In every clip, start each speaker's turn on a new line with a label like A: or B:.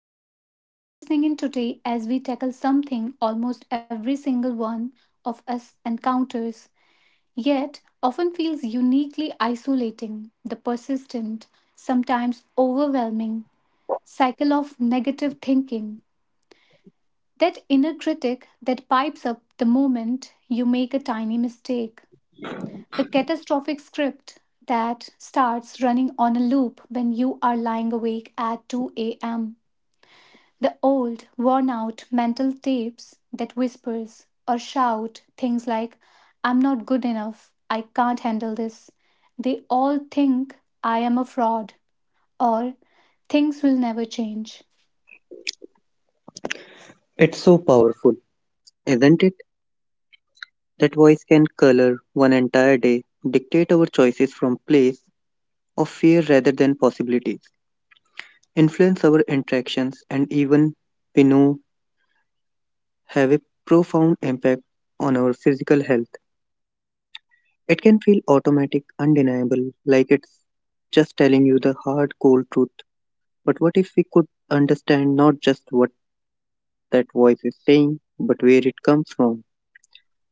A: welcome. You are listening in today as we tackle something almost every single one of us encounters, yet often feels uniquely isolating the persistent, sometimes overwhelming cycle of negative thinking. That inner critic that pipes up the moment you make a tiny mistake. The catastrophic script that starts running on a loop when you are lying awake at 2 a.m. The old, worn out mental tapes that whispers or shout things like, I'm not good enough, I can't handle this. They all think I am a fraud or things will never change.
B: It's so powerful, isn't it? That voice can color one entire day, dictate our choices from place of fear rather than possibilities, influence our interactions, and even, we know, have a profound impact on our physical health. It can feel automatic, undeniable, like it's just telling you the hard, cold truth. But what if we could understand not just what that voice is saying, but where it comes from?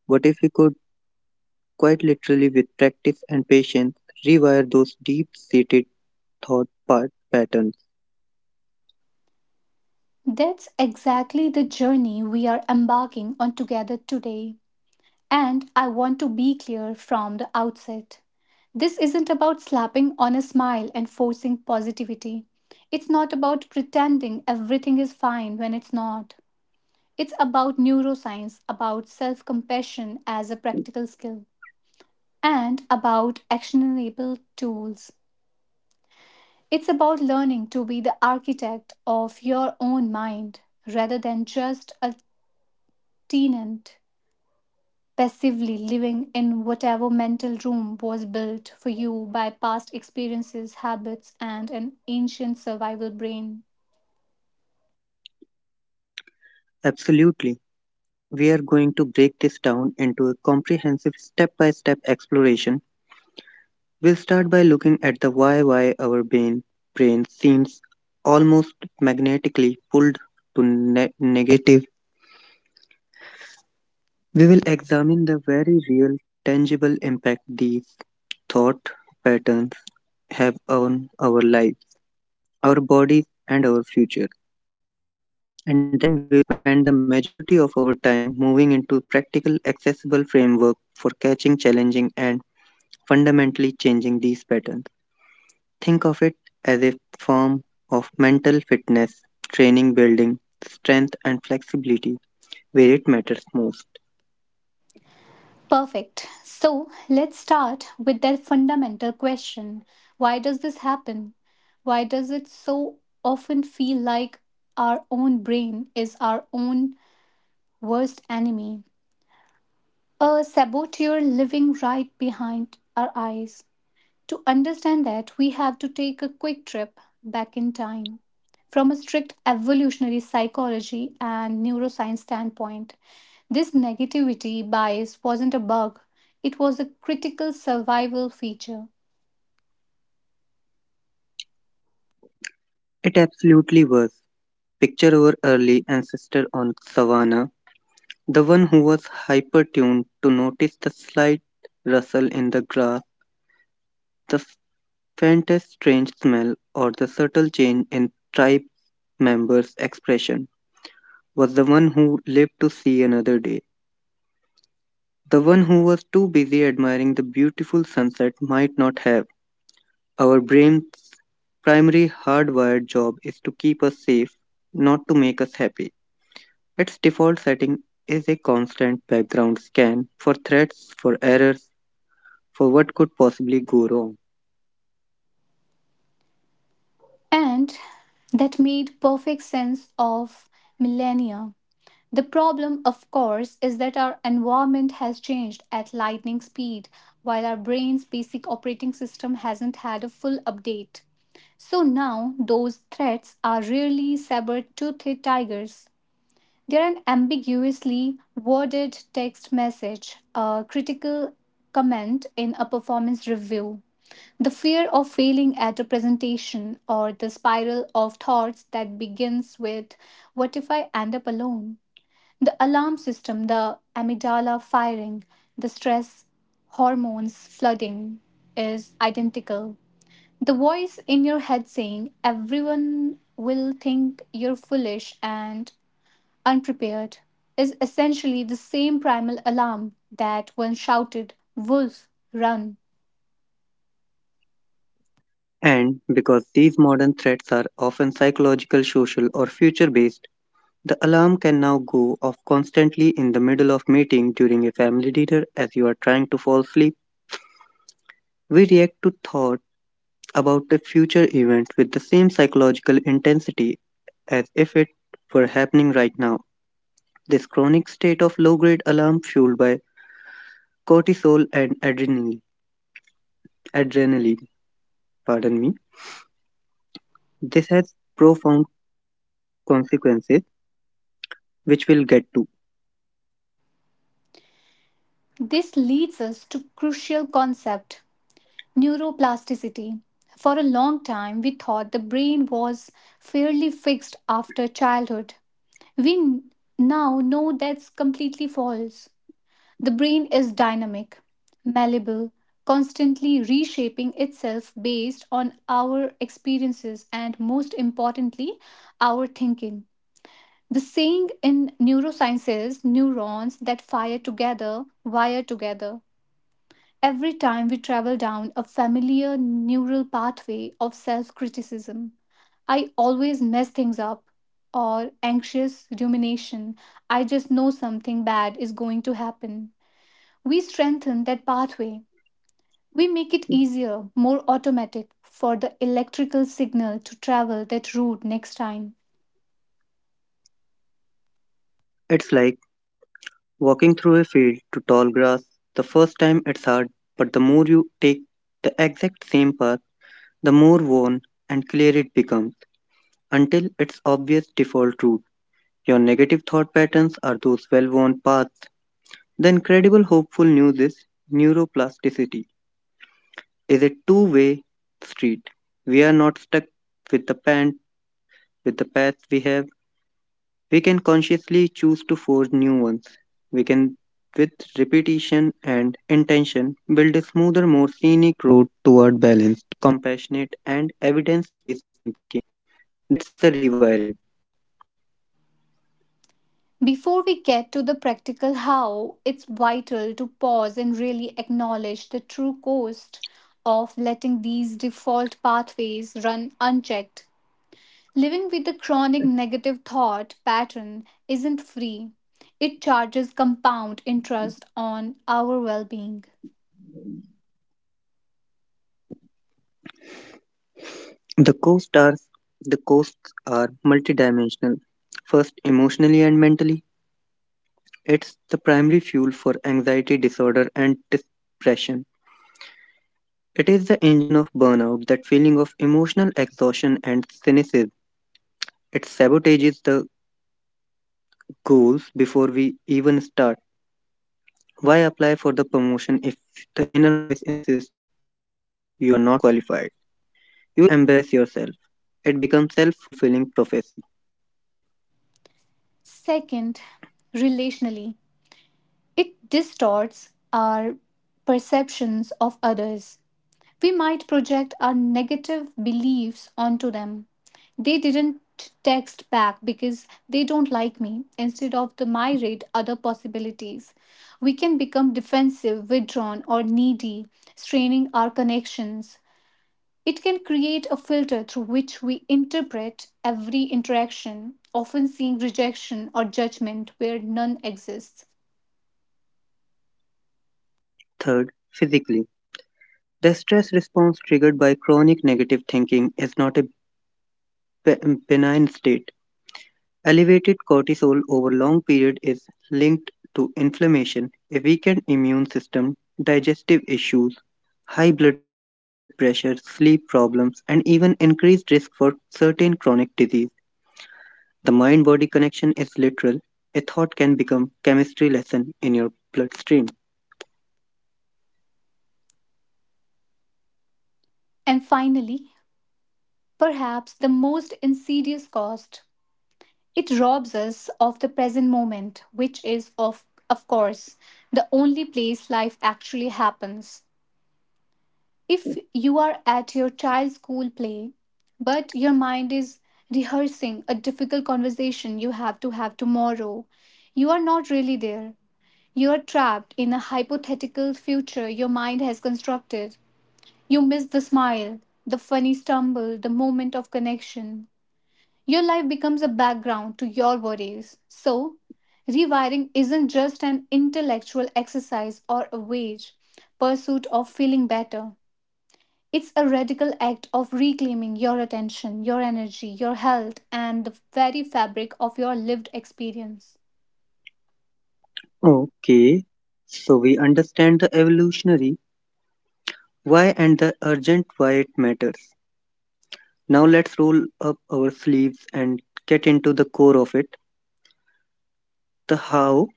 B: What if we could, quite literally with practice and patience, rewire those deep seated thought part patterns.
A: That's exactly the journey we are embarking on together today. And I want to be clear from the outset. This isn't about slapping on a smile and forcing positivity. It's not about pretending everything is fine when it's not. It's about neuroscience, about self compassion as a practical skill, and about actionable tools. It's about learning to be the architect of your own mind rather than just a tenant passively living in whatever mental room was built for you by past experiences, habits, and an ancient survival brain.
B: Absolutely. We are going to break this down into a comprehensive step by step exploration. We'll start by looking at the why our brain seems almost magnetically pulled to negative. We will examine the very real, tangible impact these thought patterns have on our lives, our bodies, and our future. And then we'll spend the majority of our time moving into practical, accessible framework for catching, challenging, and fundamentally changing these patterns. Think of it as a form of mental fitness, training, building, strength, and flexibility where it matters most.
A: Perfect. So let's start with that fundamental question. Why does this happen? Why does it so often feel like our own brain is our own worst enemy? A saboteur living right behind our eyes. To understand that, we have to take a quick trip back in time. From a strict evolutionary psychology and neuroscience standpoint, this negativity bias wasn't a bug, it was a critical survival feature.
B: It absolutely was. Picture our early ancestor on savannah, the one who was hyper tuned to notice the slight rustle in the grass, the Fente's strange smell, or the subtle change in tribe members' expression, was the one who lived to see another day. The one who was too busy admiring the beautiful sunset might not have. Our brain's primary hardwired job is to keep us safe, not to make us happy. Its default setting is a constant background scan for threats, for errors, for what could possibly go wrong.
A: And that made perfect sense of millennia. The problem, of course, is that our environment has changed at lightning speed, while our brain's basic operating system hasn't had a full update. So now those threats are rarely saber toothed tigers. They're an ambiguously worded text message, a critical comment in a performance review, the fear of failing at a presentation, or the spiral of thoughts that begins with, what if I end up alone? The alarm system, the amygdala firing, the stress hormones flooding is identical. The voice in your head saying, everyone will think you're foolish and unprepared, is essentially the same primal alarm that once shouted, wolf, run.
B: And because these modern threats are often psychological, social, or future based, the alarm can now go off constantly in the middle of meeting during a family dinner as you are trying to fall asleep. We react to thought about a future event with the same psychological intensity as if it were happening right now. This chronic state of low-grade alarm fueled by cortisol and adrenaline, pardon me, this has profound consequences which we'll get to.
A: This leads us to crucial concept, neuroplasticity. For a long time, we thought the brain was fairly fixed after childhood. We now know that's completely false. The brain is dynamic, malleable, constantly reshaping itself based on our experiences and, most importantly, our thinking. The saying in neuroscience is neurons that fire together wire together. Every time we travel down a familiar neural pathway of self criticism, I always mess things up, or anxious rumination, I just know something bad is going to happen we strengthen that pathway. We make it easier, more automatic for the electrical signal to travel that route next time.
B: It's like walking through a field to tall grass, the first time it's hard, but the more you take the exact same path, the more worn and clear it becomes, until it's obvious default route. Your negative thought patterns are those well worn paths. The incredible hopeful news is neuroplasticity is a two-way street. We are not stuck with the pan with the path we have. We can consciously choose to forge new ones. We can, with repetition and intention, build a smoother, more scenic road toward balanced, compassionate, and evidence based thinking. That's the rewiring.
A: Before we get to the practical how, it's vital to pause and really acknowledge the true cost of letting these default pathways run unchecked. Living with the chronic negative thought pattern isn't free. It charges compound interest on our well being.
B: The costs are the costs are multidimensional. First, emotionally and mentally, it's the primary fuel for anxiety disorder and depression. It is the engine of burnout, that feeling of emotional exhaustion and cynicism. It sabotages the goals before we even start. Why apply for the promotion if the inner voice insists you are not qualified? You will embarrass yourself. It becomes self fulfilling prophecy.
A: Second, relationally. It distorts our perceptions of others. We might project our negative beliefs onto them. They didn't text back because they don't like me instead of the myriad other possibilities. We can become defensive, withdrawn, or needy, straining our connections. It can create a filter through which we interpret every interaction, often seeing rejection or judgment where none exists.
B: Third, physically. The stress response triggered by chronic negative thinking is not a benign state. Elevated cortisol over long period is linked to inflammation, a weakened immune system, digestive issues, high blood pressure, sleep problems, and even increased risk for certain chronic disease. The mind-body connection is literal. A thought can become chemistry lesson in your bloodstream.
A: And finally, perhaps the most insidious cost. It robs us of the present moment, which is, of course, the only place life actually happens. If you are at your child's school play, but your mind is rehearsing a difficult conversation you have to have tomorrow, you are not really there. You are trapped in a hypothetical future your mind has constructed. You miss the smile, the funny stumble, the moment of connection. Your life becomes a background to your worries. So, rewiring isn't just an intellectual exercise or a wage pursuit of feeling better. It's a radical act of reclaiming your attention, your energy, your health, and the very fabric of your lived experience.
B: Okay, so we understand the evolutionary why and the urgent why it matters. Now let's roll up our sleeves and get into the core of it, the how.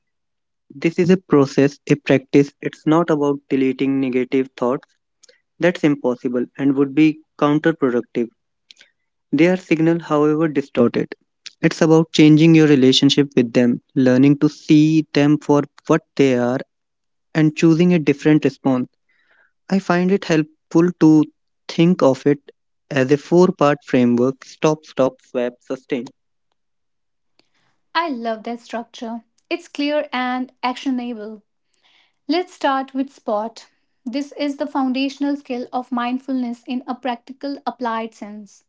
B: This is a process, a practice. It's not about deleting negative thoughts. That's impossible and would be counterproductive. They are signal, however distorted. It's about changing your relationship with them, learning to see them for what they are, and choosing a different response. I find it helpful to think of it as a four-part framework: stop, stop, swap, sustain.
A: I love that structure. It's clear and actionable. Let's start with SPOT. This is the foundational skill of mindfulness in a practical, applied sense.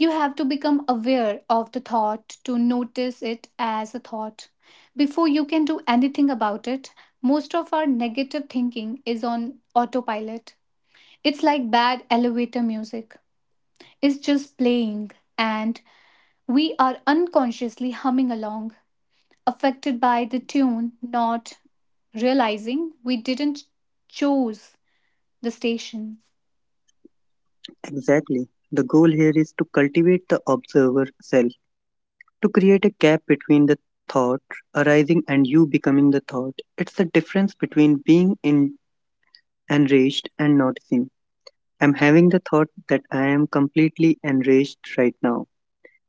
A: You have to become aware of the thought to notice it as a thought. Before you can do anything about it, most of our negative thinking is on autopilot. It's like bad elevator music, it's just playing, and we are unconsciously humming along, affected by the tune, not realizing we didn't choose the station.
B: Exactly. The goal here is to cultivate the observer self to create a gap between the thought arising and you becoming the thought. It's the difference between being enraged and noticing. I'm having the thought that I am completely enraged right now.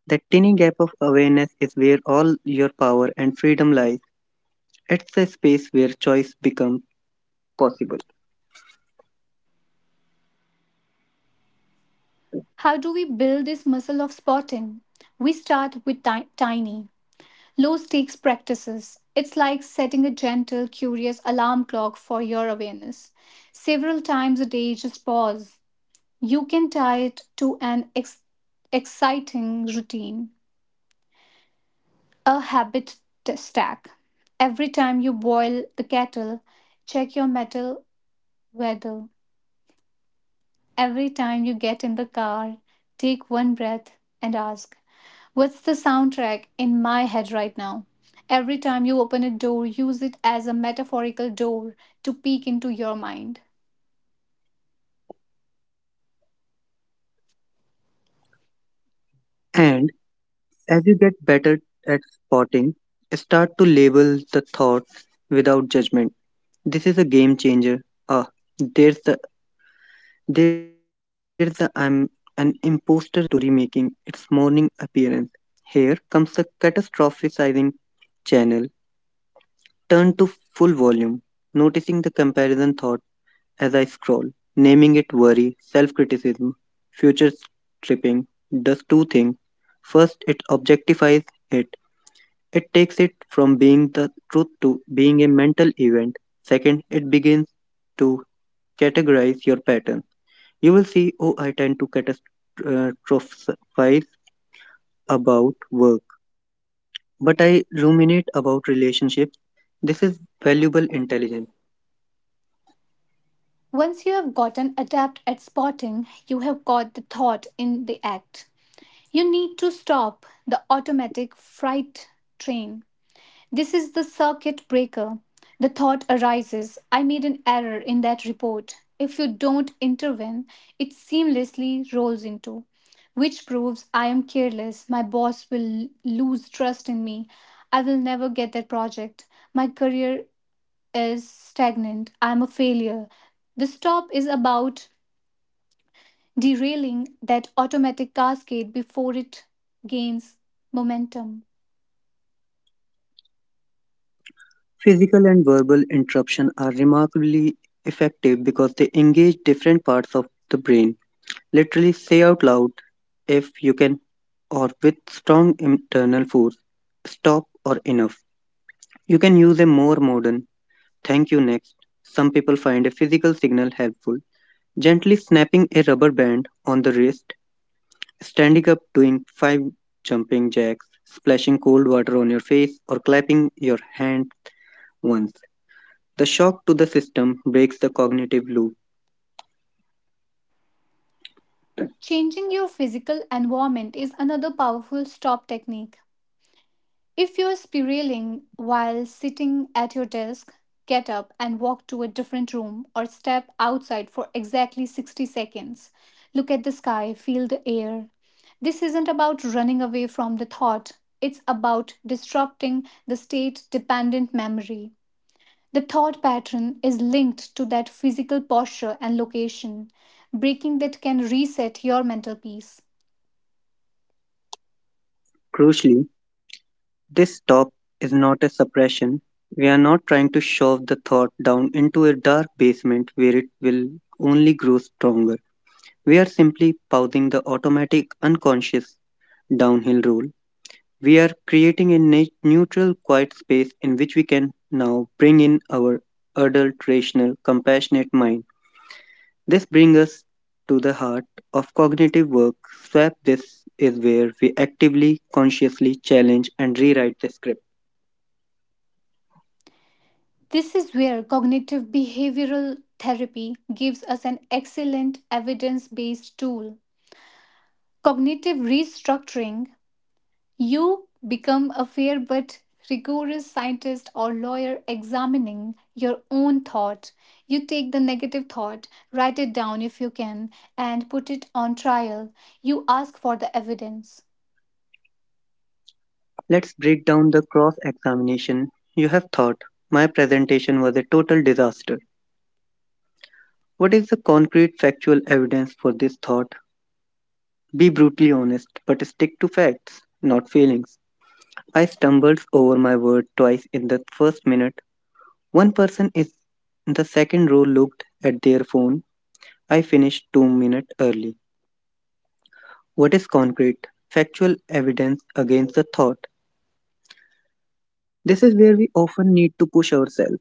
B: That tiny gap of awareness is where all your power and freedom lies. It's the space where choice becomes possible.
A: How do we build this muscle of spotting? We start with tiny, low stakes practices. It's like setting a gentle, curious alarm clock for your awareness. Several times a day, just pause. You can tie it to an exciting routine, a habit stack. Every time you boil the kettle, check your metal weather. Every time you get in the car, take one breath and ask, what's the soundtrack in my head right now? Every time you open a door, use it as a metaphorical door to peek into your mind.
B: And as you get better at spotting, start to label the thought without judgment. This is a game changer. Ah, there's the There's an imposter story making its morning appearance. Here comes a catastrophizing channel turned to full volume, noticing the comparison thought as I scroll, naming it worry, self criticism, future tripping does two things. First, it objectifies it. It takes it from being the truth to being a mental event. Second, it begins to categorize your pattern. You will see, oh, I tend to catastrophize about work, but I ruminate about relationships. This is valuable intelligence.
A: Once you have gotten adept at spotting, you have caught the thought in the act. You need to stop the automatic freight train. This is the circuit breaker. The thought arises I made an error in that report. If you don't intervene, it seamlessly rolls into, which proves I am careless. My boss will lose trust in me. I will never get that project. My career is stagnant. I am a failure. The stop is about derailing that automatic cascade before it gains momentum.
B: Physical and verbal interruption are remarkably effective because they engage different parts of the brain. Literally say out loud if you can or with strong internal force, stop or enough. You can use a more modern thank you next. Some people find a physical signal helpful. Gently snapping a rubber band on the wrist, standing up doing five jumping jacks, splashing cold water on your face, or clapping your hand once. The shock to the system breaks the cognitive loop.
A: Changing your physical environment is another powerful stop technique. If you're spiraling while sitting at your desk, get up and walk to a different room or step outside for exactly 60 seconds. Look at the sky, feel the air. This isn't about running away from the thought, it's about disrupting the state dependent memory. The thought pattern is linked to that physical posture and location. Breaking that can reset your mental peace.
B: Crucially, this stop is not a suppression. We are not trying to shove the thought down into a dark basement where it will only grow stronger. We are simply pausing the automatic unconscious downhill roll. We are creating a neutral, quiet space in which we can now bring in our adult, rational, compassionate mind. This brings us to the heart of cognitive work. Swap: this is where we actively, consciously challenge and rewrite the script.
A: This is where cognitive behavioral therapy gives us an excellent evidence based tool. Cognitive restructuring you become a fair but rigorous scientist or lawyer examining your own thought. You take the negative thought, write it down if you can, and put it on trial. You ask for the evidence.
B: Let's break down the cross examination. You have thought my presentation was a total disaster. What is the concrete factual evidence for this thought? Be brutally honest, but stick to facts, not feelings. I stumbled over my word twice in the first minute. One person is in the second row looked at their phone. I finished 2 minutes early. What is concrete? Factual evidence against the thought. This is where we often need to push ourselves.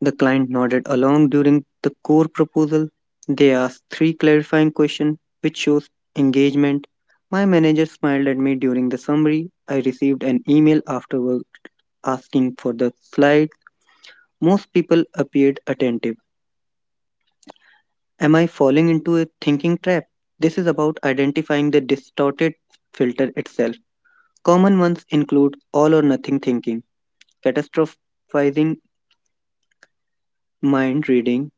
B: The client nodded along during the core proposal. They asked three clarifying questions, which shows engagement. My manager smiled at me during the summary. I received an email afterward asking for the slides. Most people appeared attentive. Am I falling into a thinking trap? This is about identifying the distorted filter itself. Common ones include all or nothing thinking, catastrophizing mind reading.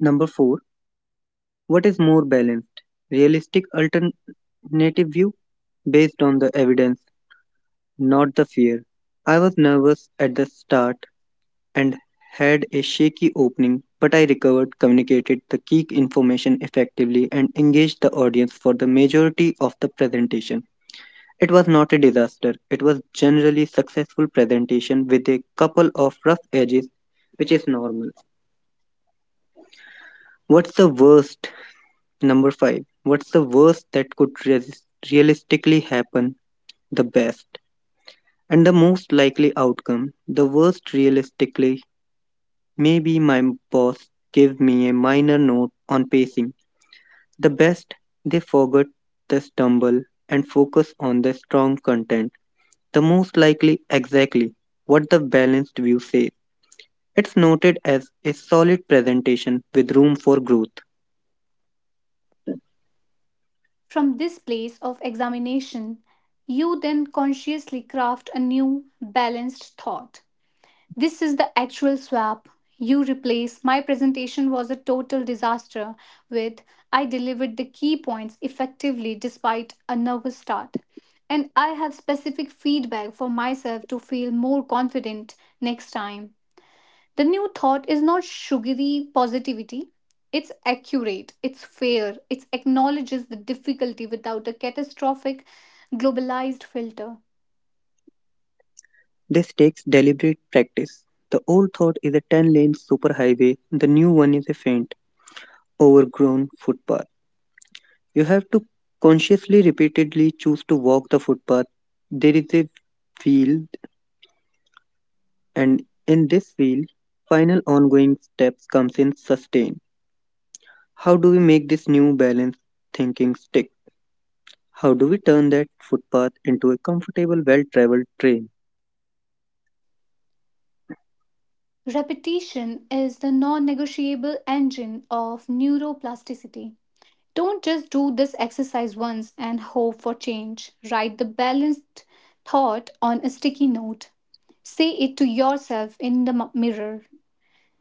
B: Number four, what is more balanced? Realistic alternative view based on the evidence, not the fear. I was nervous at the start, and had a shaky opening, but I recovered, communicated the key information effectively, and engaged the audience for the majority of the presentation. It was not a disaster. It was generally successful presentation with a couple of rough edges, which is normal. What's the worst? Number 5. What's the worst that could realistically happen? The best. And the most likely outcome, the worst realistically. Maybe my boss gave me a minor note on pacing. The best they forget the stumble and focus on the strong content. The most likely exactly what the balanced view says. It's noted as a solid presentation with room for growth.
A: From this place of examination, you then consciously craft a new, balanced thought. This is the actual swap. You replace my presentation was a total disaster with I delivered the key points effectively despite a nervous start. And I have specific feedback for myself to feel more confident next time. The new thought is not sugary positivity. It's accurate, it's fair, it acknowledges the difficulty without a catastrophic globalized filter.
B: This takes deliberate practice. The old thought is a 10-lane superhighway, the new one is a faint, overgrown footpath. You have to consciously repeatedly choose to walk the footpath. There is a field and in this field final ongoing steps comes in sustain. How do we make this new balance thinking stick? How do we turn that footpath into a comfortable well-traveled trail?
A: Repetition is the non negotiable engine of neuroplasticity. Don't just do this exercise once and hope for change. Write the balanced thought on a sticky note. Say it to yourself in the mirror.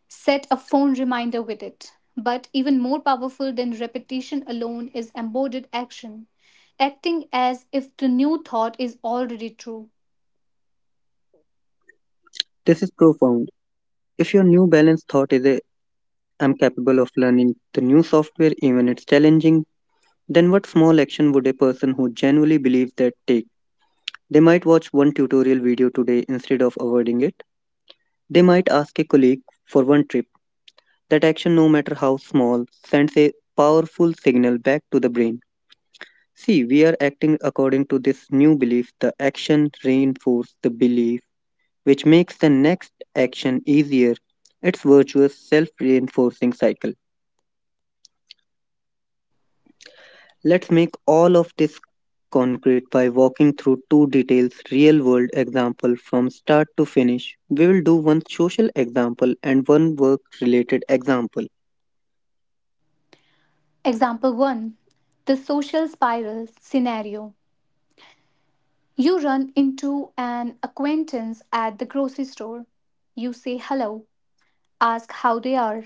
A: Set a phone reminder with it. But even more powerful than repetition alone is embodied action, acting as if the new thought is already true.
B: This is profound. If your new balance thought is a I'm capable of learning the new software even it's challenging, then what small action would a person who genuinely believes that take? They might watch one tutorial video today instead of avoiding it. They might ask a colleague for one trip. That action, no matter how small, sends a powerful signal back to the brain. See, we are acting according to this new belief. The action reinforces the belief, which makes the next action easier. It's virtuous self reinforcing cycle. Let's make all of this concrete by walking through two details real world example from start to finish. We will do one social example and one work related example.
A: Example 1. The social spiral scenario. You run into an acquaintance at the grocery store. You say hello, ask how they are.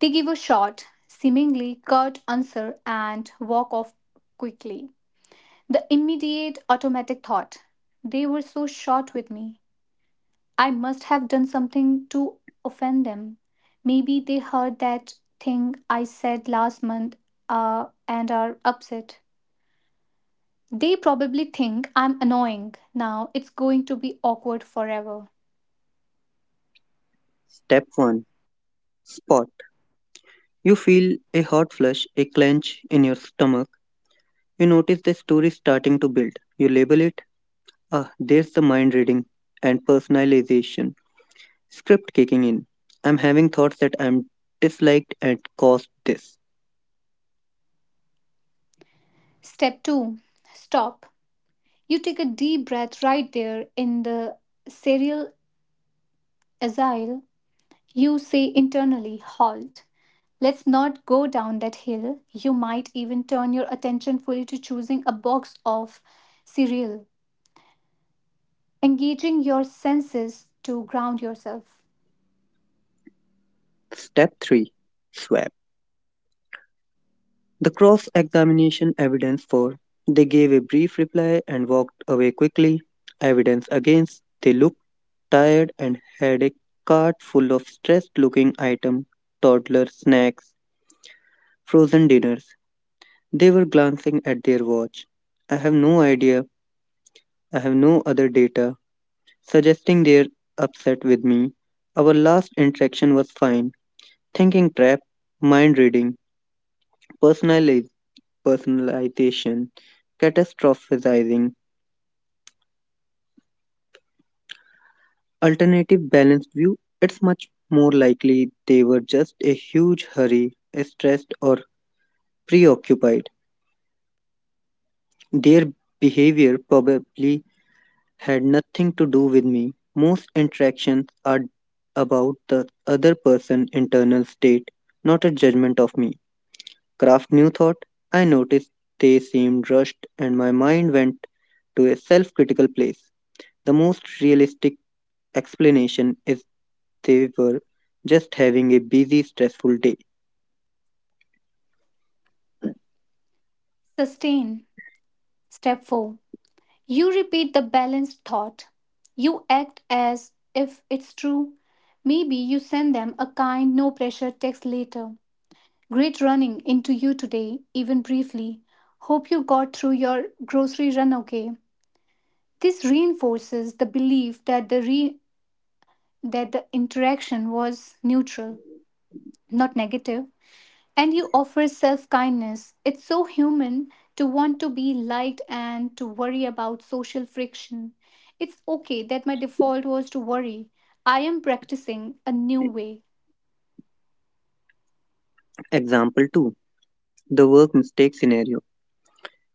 A: They give a short, seemingly curt answer and walk off quickly. The immediate automatic thought they were so short with me. I must have done something to offend them. Maybe they heard that thing I said last month, and are upset. They probably think I'm annoying. Now it's going to be awkward forever.
B: Step 1 Spot. You feel a hot flush, a clench in your stomach. You notice the story starting to build. You label it. Ah, there's the mind reading and personalization. Script kicking in. I'm having thoughts that I'm disliked and caused this.
A: Step two, stop. You take a deep breath right there in the cereal asile. You say internally, halt. Let's not go down that hill. You might even turn your attention fully to choosing a box of cereal, engaging your senses to ground yourself.
B: Step 3 Swap. The cross examination evidence 4. They gave a brief reply and walked away quickly. Evidence against. They looked tired and had a cart full of stressed looking items, toddler snacks, frozen dinners. They were glancing at their watch. I have no idea. I have no other data suggesting they're upset with me. Our last interaction was fine. Thinking trap, mind reading, personalization. Personalization, catastrophizing, alternative balanced view, it's much more likely they were just a huge hurry, stressed or preoccupied. Their behavior probably had nothing to do with me. Most interactions are about the other person's internal state, not a judgment of me. Kraft new thought, I noticed they seemed rushed and my mind went to a self critical place. The most realistic explanation is they were just having a busy, stressful day.
A: Sustain. Step 4. You repeat the balanced thought. You act as if it's true. Maybe you send them a kind, no pressure text later. Great running into you today, even briefly. Hope you got through your grocery run okay. This reinforces the belief that that the interaction was neutral, not negative, and you offer self-kindness. It's so human to want to be liked and to worry about social friction. It's okay that my default was to worry. I am practicing a new way.
B: Example 2. The work mistake scenario.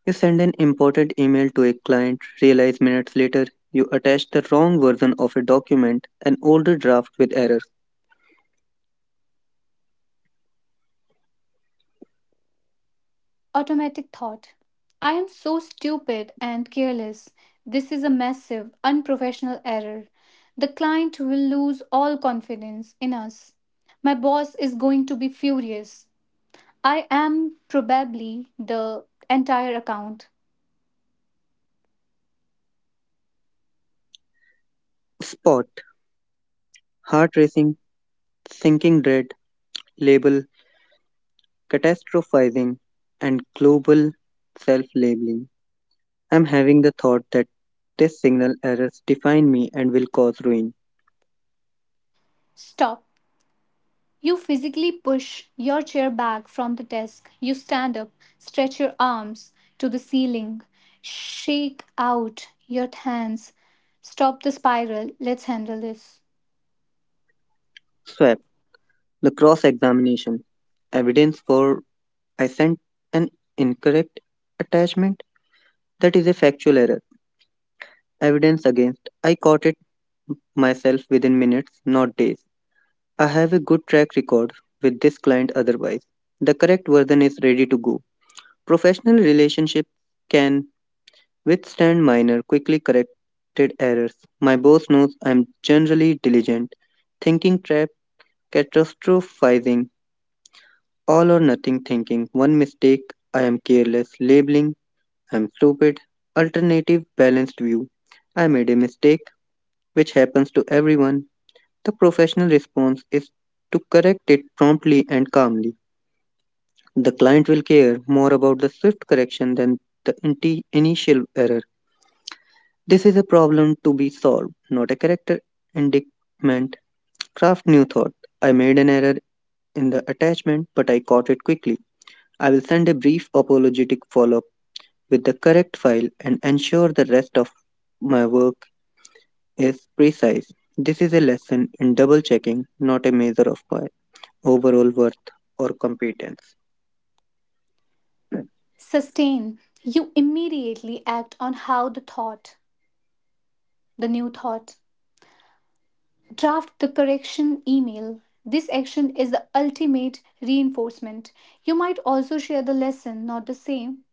B: You send an important email to a client, realize minutes later you attach the wrong version of a document, an older draft with errors.
A: Automatic thought I am so stupid and careless. This is a massive, unprofessional error. The client will lose all confidence in us. My boss is going to be furious. I am probably the entire account.
B: Spot. Heart racing, sinking dread, label, catastrophizing, and global self labeling. I'm having the thought that this signal errors define me and will cause ruin.
A: Stop. You physically push your chair back from the desk. You stand up, stretch your arms to the ceiling, shake out your hands. Stop the spiral. Let's handle this.
B: Swap. The cross examination evidence for assent and incorrect attachment that is a factual error. Evidence against. I caught it myself within minutes, not days. I have a good track record with this client otherwise. The correct version is ready to go. Professional relationships can withstand minor, quickly corrected errors. My boss knows I'm generally diligent. Thinking trap, catastrophizing, all or nothing thinking, one mistake, I am careless, labeling, I'm stupid. Alternative balanced view, I made a mistake, which happens to everyone. The professional response is to correct it promptly and calmly. The client will care more about the swift correction than the initial error. This is a problem to be solved, not a character indictment. Craft new thought. I made an error in the attachment, but I caught it quickly. I will send a brief apologetic follow up with the correct file and ensure the rest of my work is precise. This is a lesson in double checking, not a measure of my overall worth or competence.
A: Sustain. You immediately act on how the thought, the new thought. Draft the correction email. This action is the ultimate reinforcement. You might also share the lesson, not the same,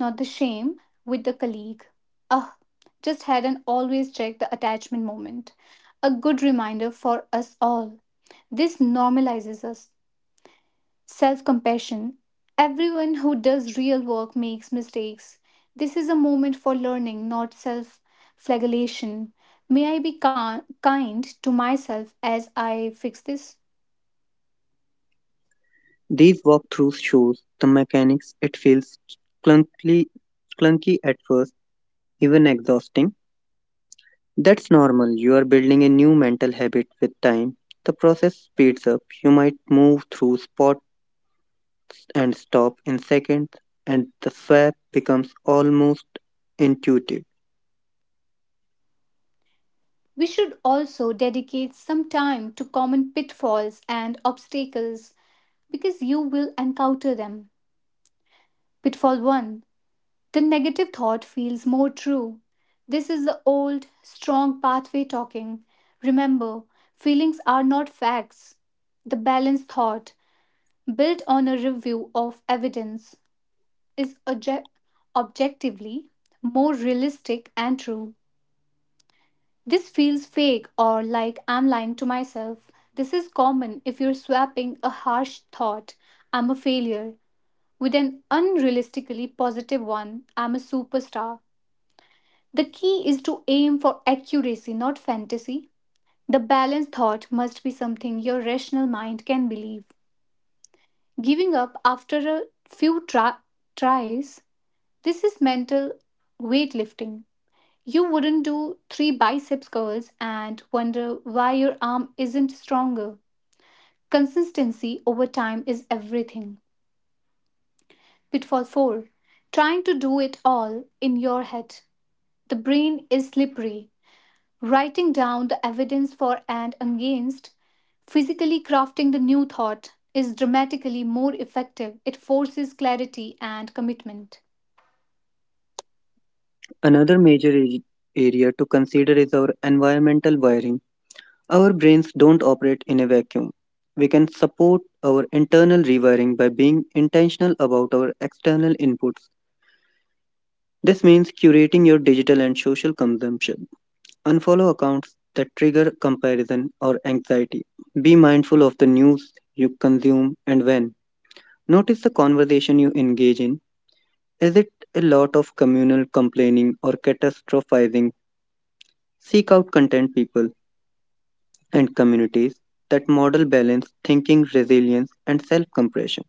A: not the shame, with the colleague. Ah, just had an always check the attachment moment. A good reminder for us all. This normalizes us. Self compassion. Everyone who does real work makes mistakes. This is a moment for learning, not self flagellation. May I be kind to myself as I fix this?
B: These walkthroughs shows the mechanics. It feels clunky, clunky at first, even exhausting. That's normal. You are building a new mental habit with time. The process speeds up. You might move through spots and stop in seconds, and the swap becomes almost intuitive.
A: We should also dedicate some time to common pitfalls and obstacles because you will encounter them. Pitfall 1. The negative thought feels more true. This is the old, strong pathway talking. Remember, feelings are not facts. The balanced thought, built on a review of evidence, is objectively more realistic and true. This feels fake or like I'm lying to myself. This is common if you're swapping a harsh thought, I'm a failure, with an unrealistically positive one, I'm a superstar. The key is to aim for accuracy, not fantasy. The balanced thought must be something your rational mind can believe. Giving up after a few tries, this is mental weightlifting. You wouldn't do three biceps curls and wonder why your arm isn't stronger. Consistency over time is everything. Pitfall 4. Trying to do it all in your head. The brain is slippery. Writing down the evidence for and against, physically crafting the new thought is dramatically more effective. It forces clarity and commitment.
B: Another area to consider is our environmental wiring. Our brains don't operate in a vacuum. We can support our internal rewiring by being intentional about our external inputs. This means curating your digital and social consumption. Unfollow accounts that trigger comparison or anxiety. Be mindful of the news you consume and when. Notice the conversation you engage in. Is it a lot of communal complaining or catastrophizing? Seek out content people and communities that model balance, thinking, resilience, and self compassion.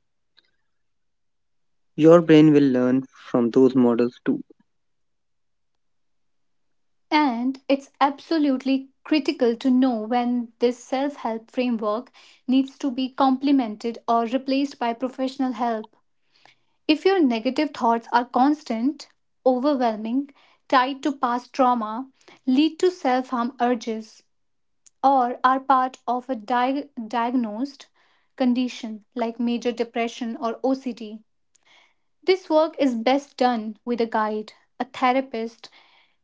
B: Your brain will learn from those models too.
A: And it's absolutely critical to know when this self help framework needs to be complemented or replaced by professional help. If your negative thoughts are constant, overwhelming, tied to past trauma, lead to self harm urges, or are part of a diagnosed condition like major depression or OCD. This work is best done with a guide. A therapist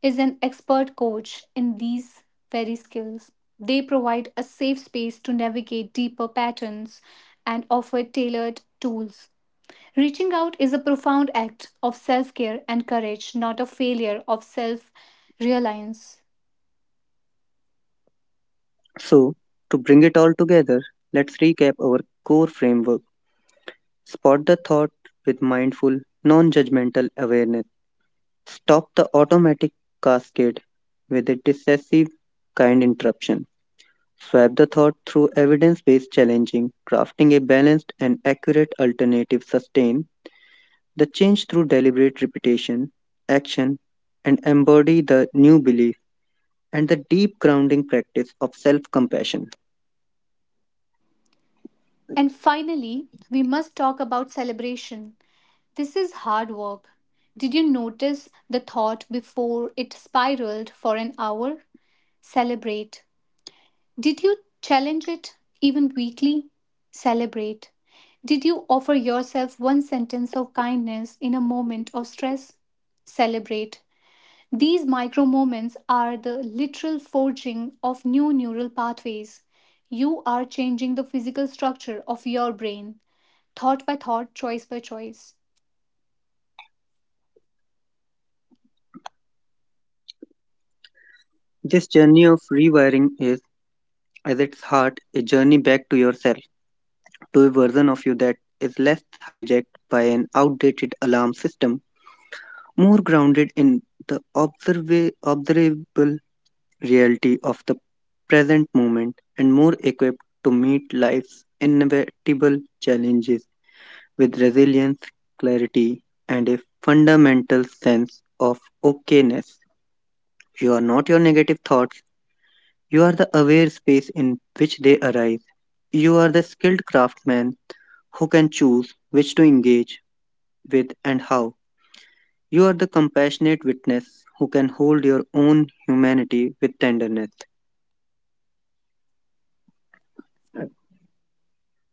A: is an expert coach in these very skills. They provide a safe space to navigate deeper patterns and offer tailored tools. Reaching out is a profound act of self care and courage, not a failure of self reliance.
B: So, to bring it all together, let's recap our core framework. Spot the thought with mindful, non judgmental awareness. Stop the automatic cascade with a decisive, kind interruption. Swap the thought through evidence based challenging, crafting a balanced and accurate alternative sustain. The change through deliberate repetition, action, and embody the new belief and the deep grounding practice of self compassion.
A: And finally, we must talk about celebration. This is hard work. Did you notice the thought before it spiraled for an hour? Celebrate. Did you challenge it even weekly? Celebrate. Did you offer yourself one sentence of kindness in a moment of stress? Celebrate. These micro moments are the literal forging of new neural pathways. You are changing the physical structure of your brain, thought by thought, choice by choice.
B: This journey of rewiring is, at its heart, a journey back to yourself, to a version of you that is less hijacked by an outdated alarm system, more grounded in the observable reality of the present moment, and more equipped to meet life's inevitable challenges with resilience, clarity, and a fundamental sense of okayness. You are not your negative thoughts, you are the aware space in which they arise. You are the skilled craftsman who can choose which to engage with and how. You are the compassionate witness who can hold your own humanity with tenderness.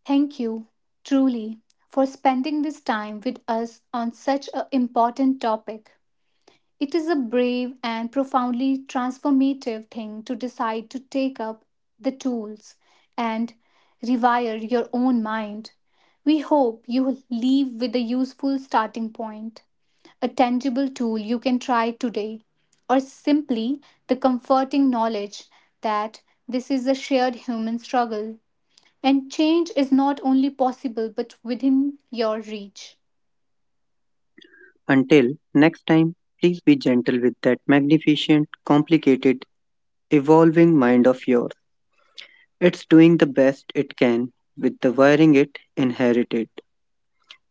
A: Thank you, truly, for spending this time with us on such an important topic. It is a brave and profoundly transformative thing to decide to take up the tools and rewire your own mind. We hope you will leave with a useful starting point, a tangible tool you can try today, or simply the comforting knowledge that this is a shared human struggle and change is not only possible but within your reach.
B: Until next time, please be gentle with that magnificent, complicated, evolving mind of yours. It's doing the best it can with the wiring it inherited,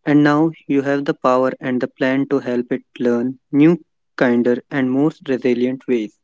B: and now you have the power and the plan to help it learn new, kinder, and more resilient ways.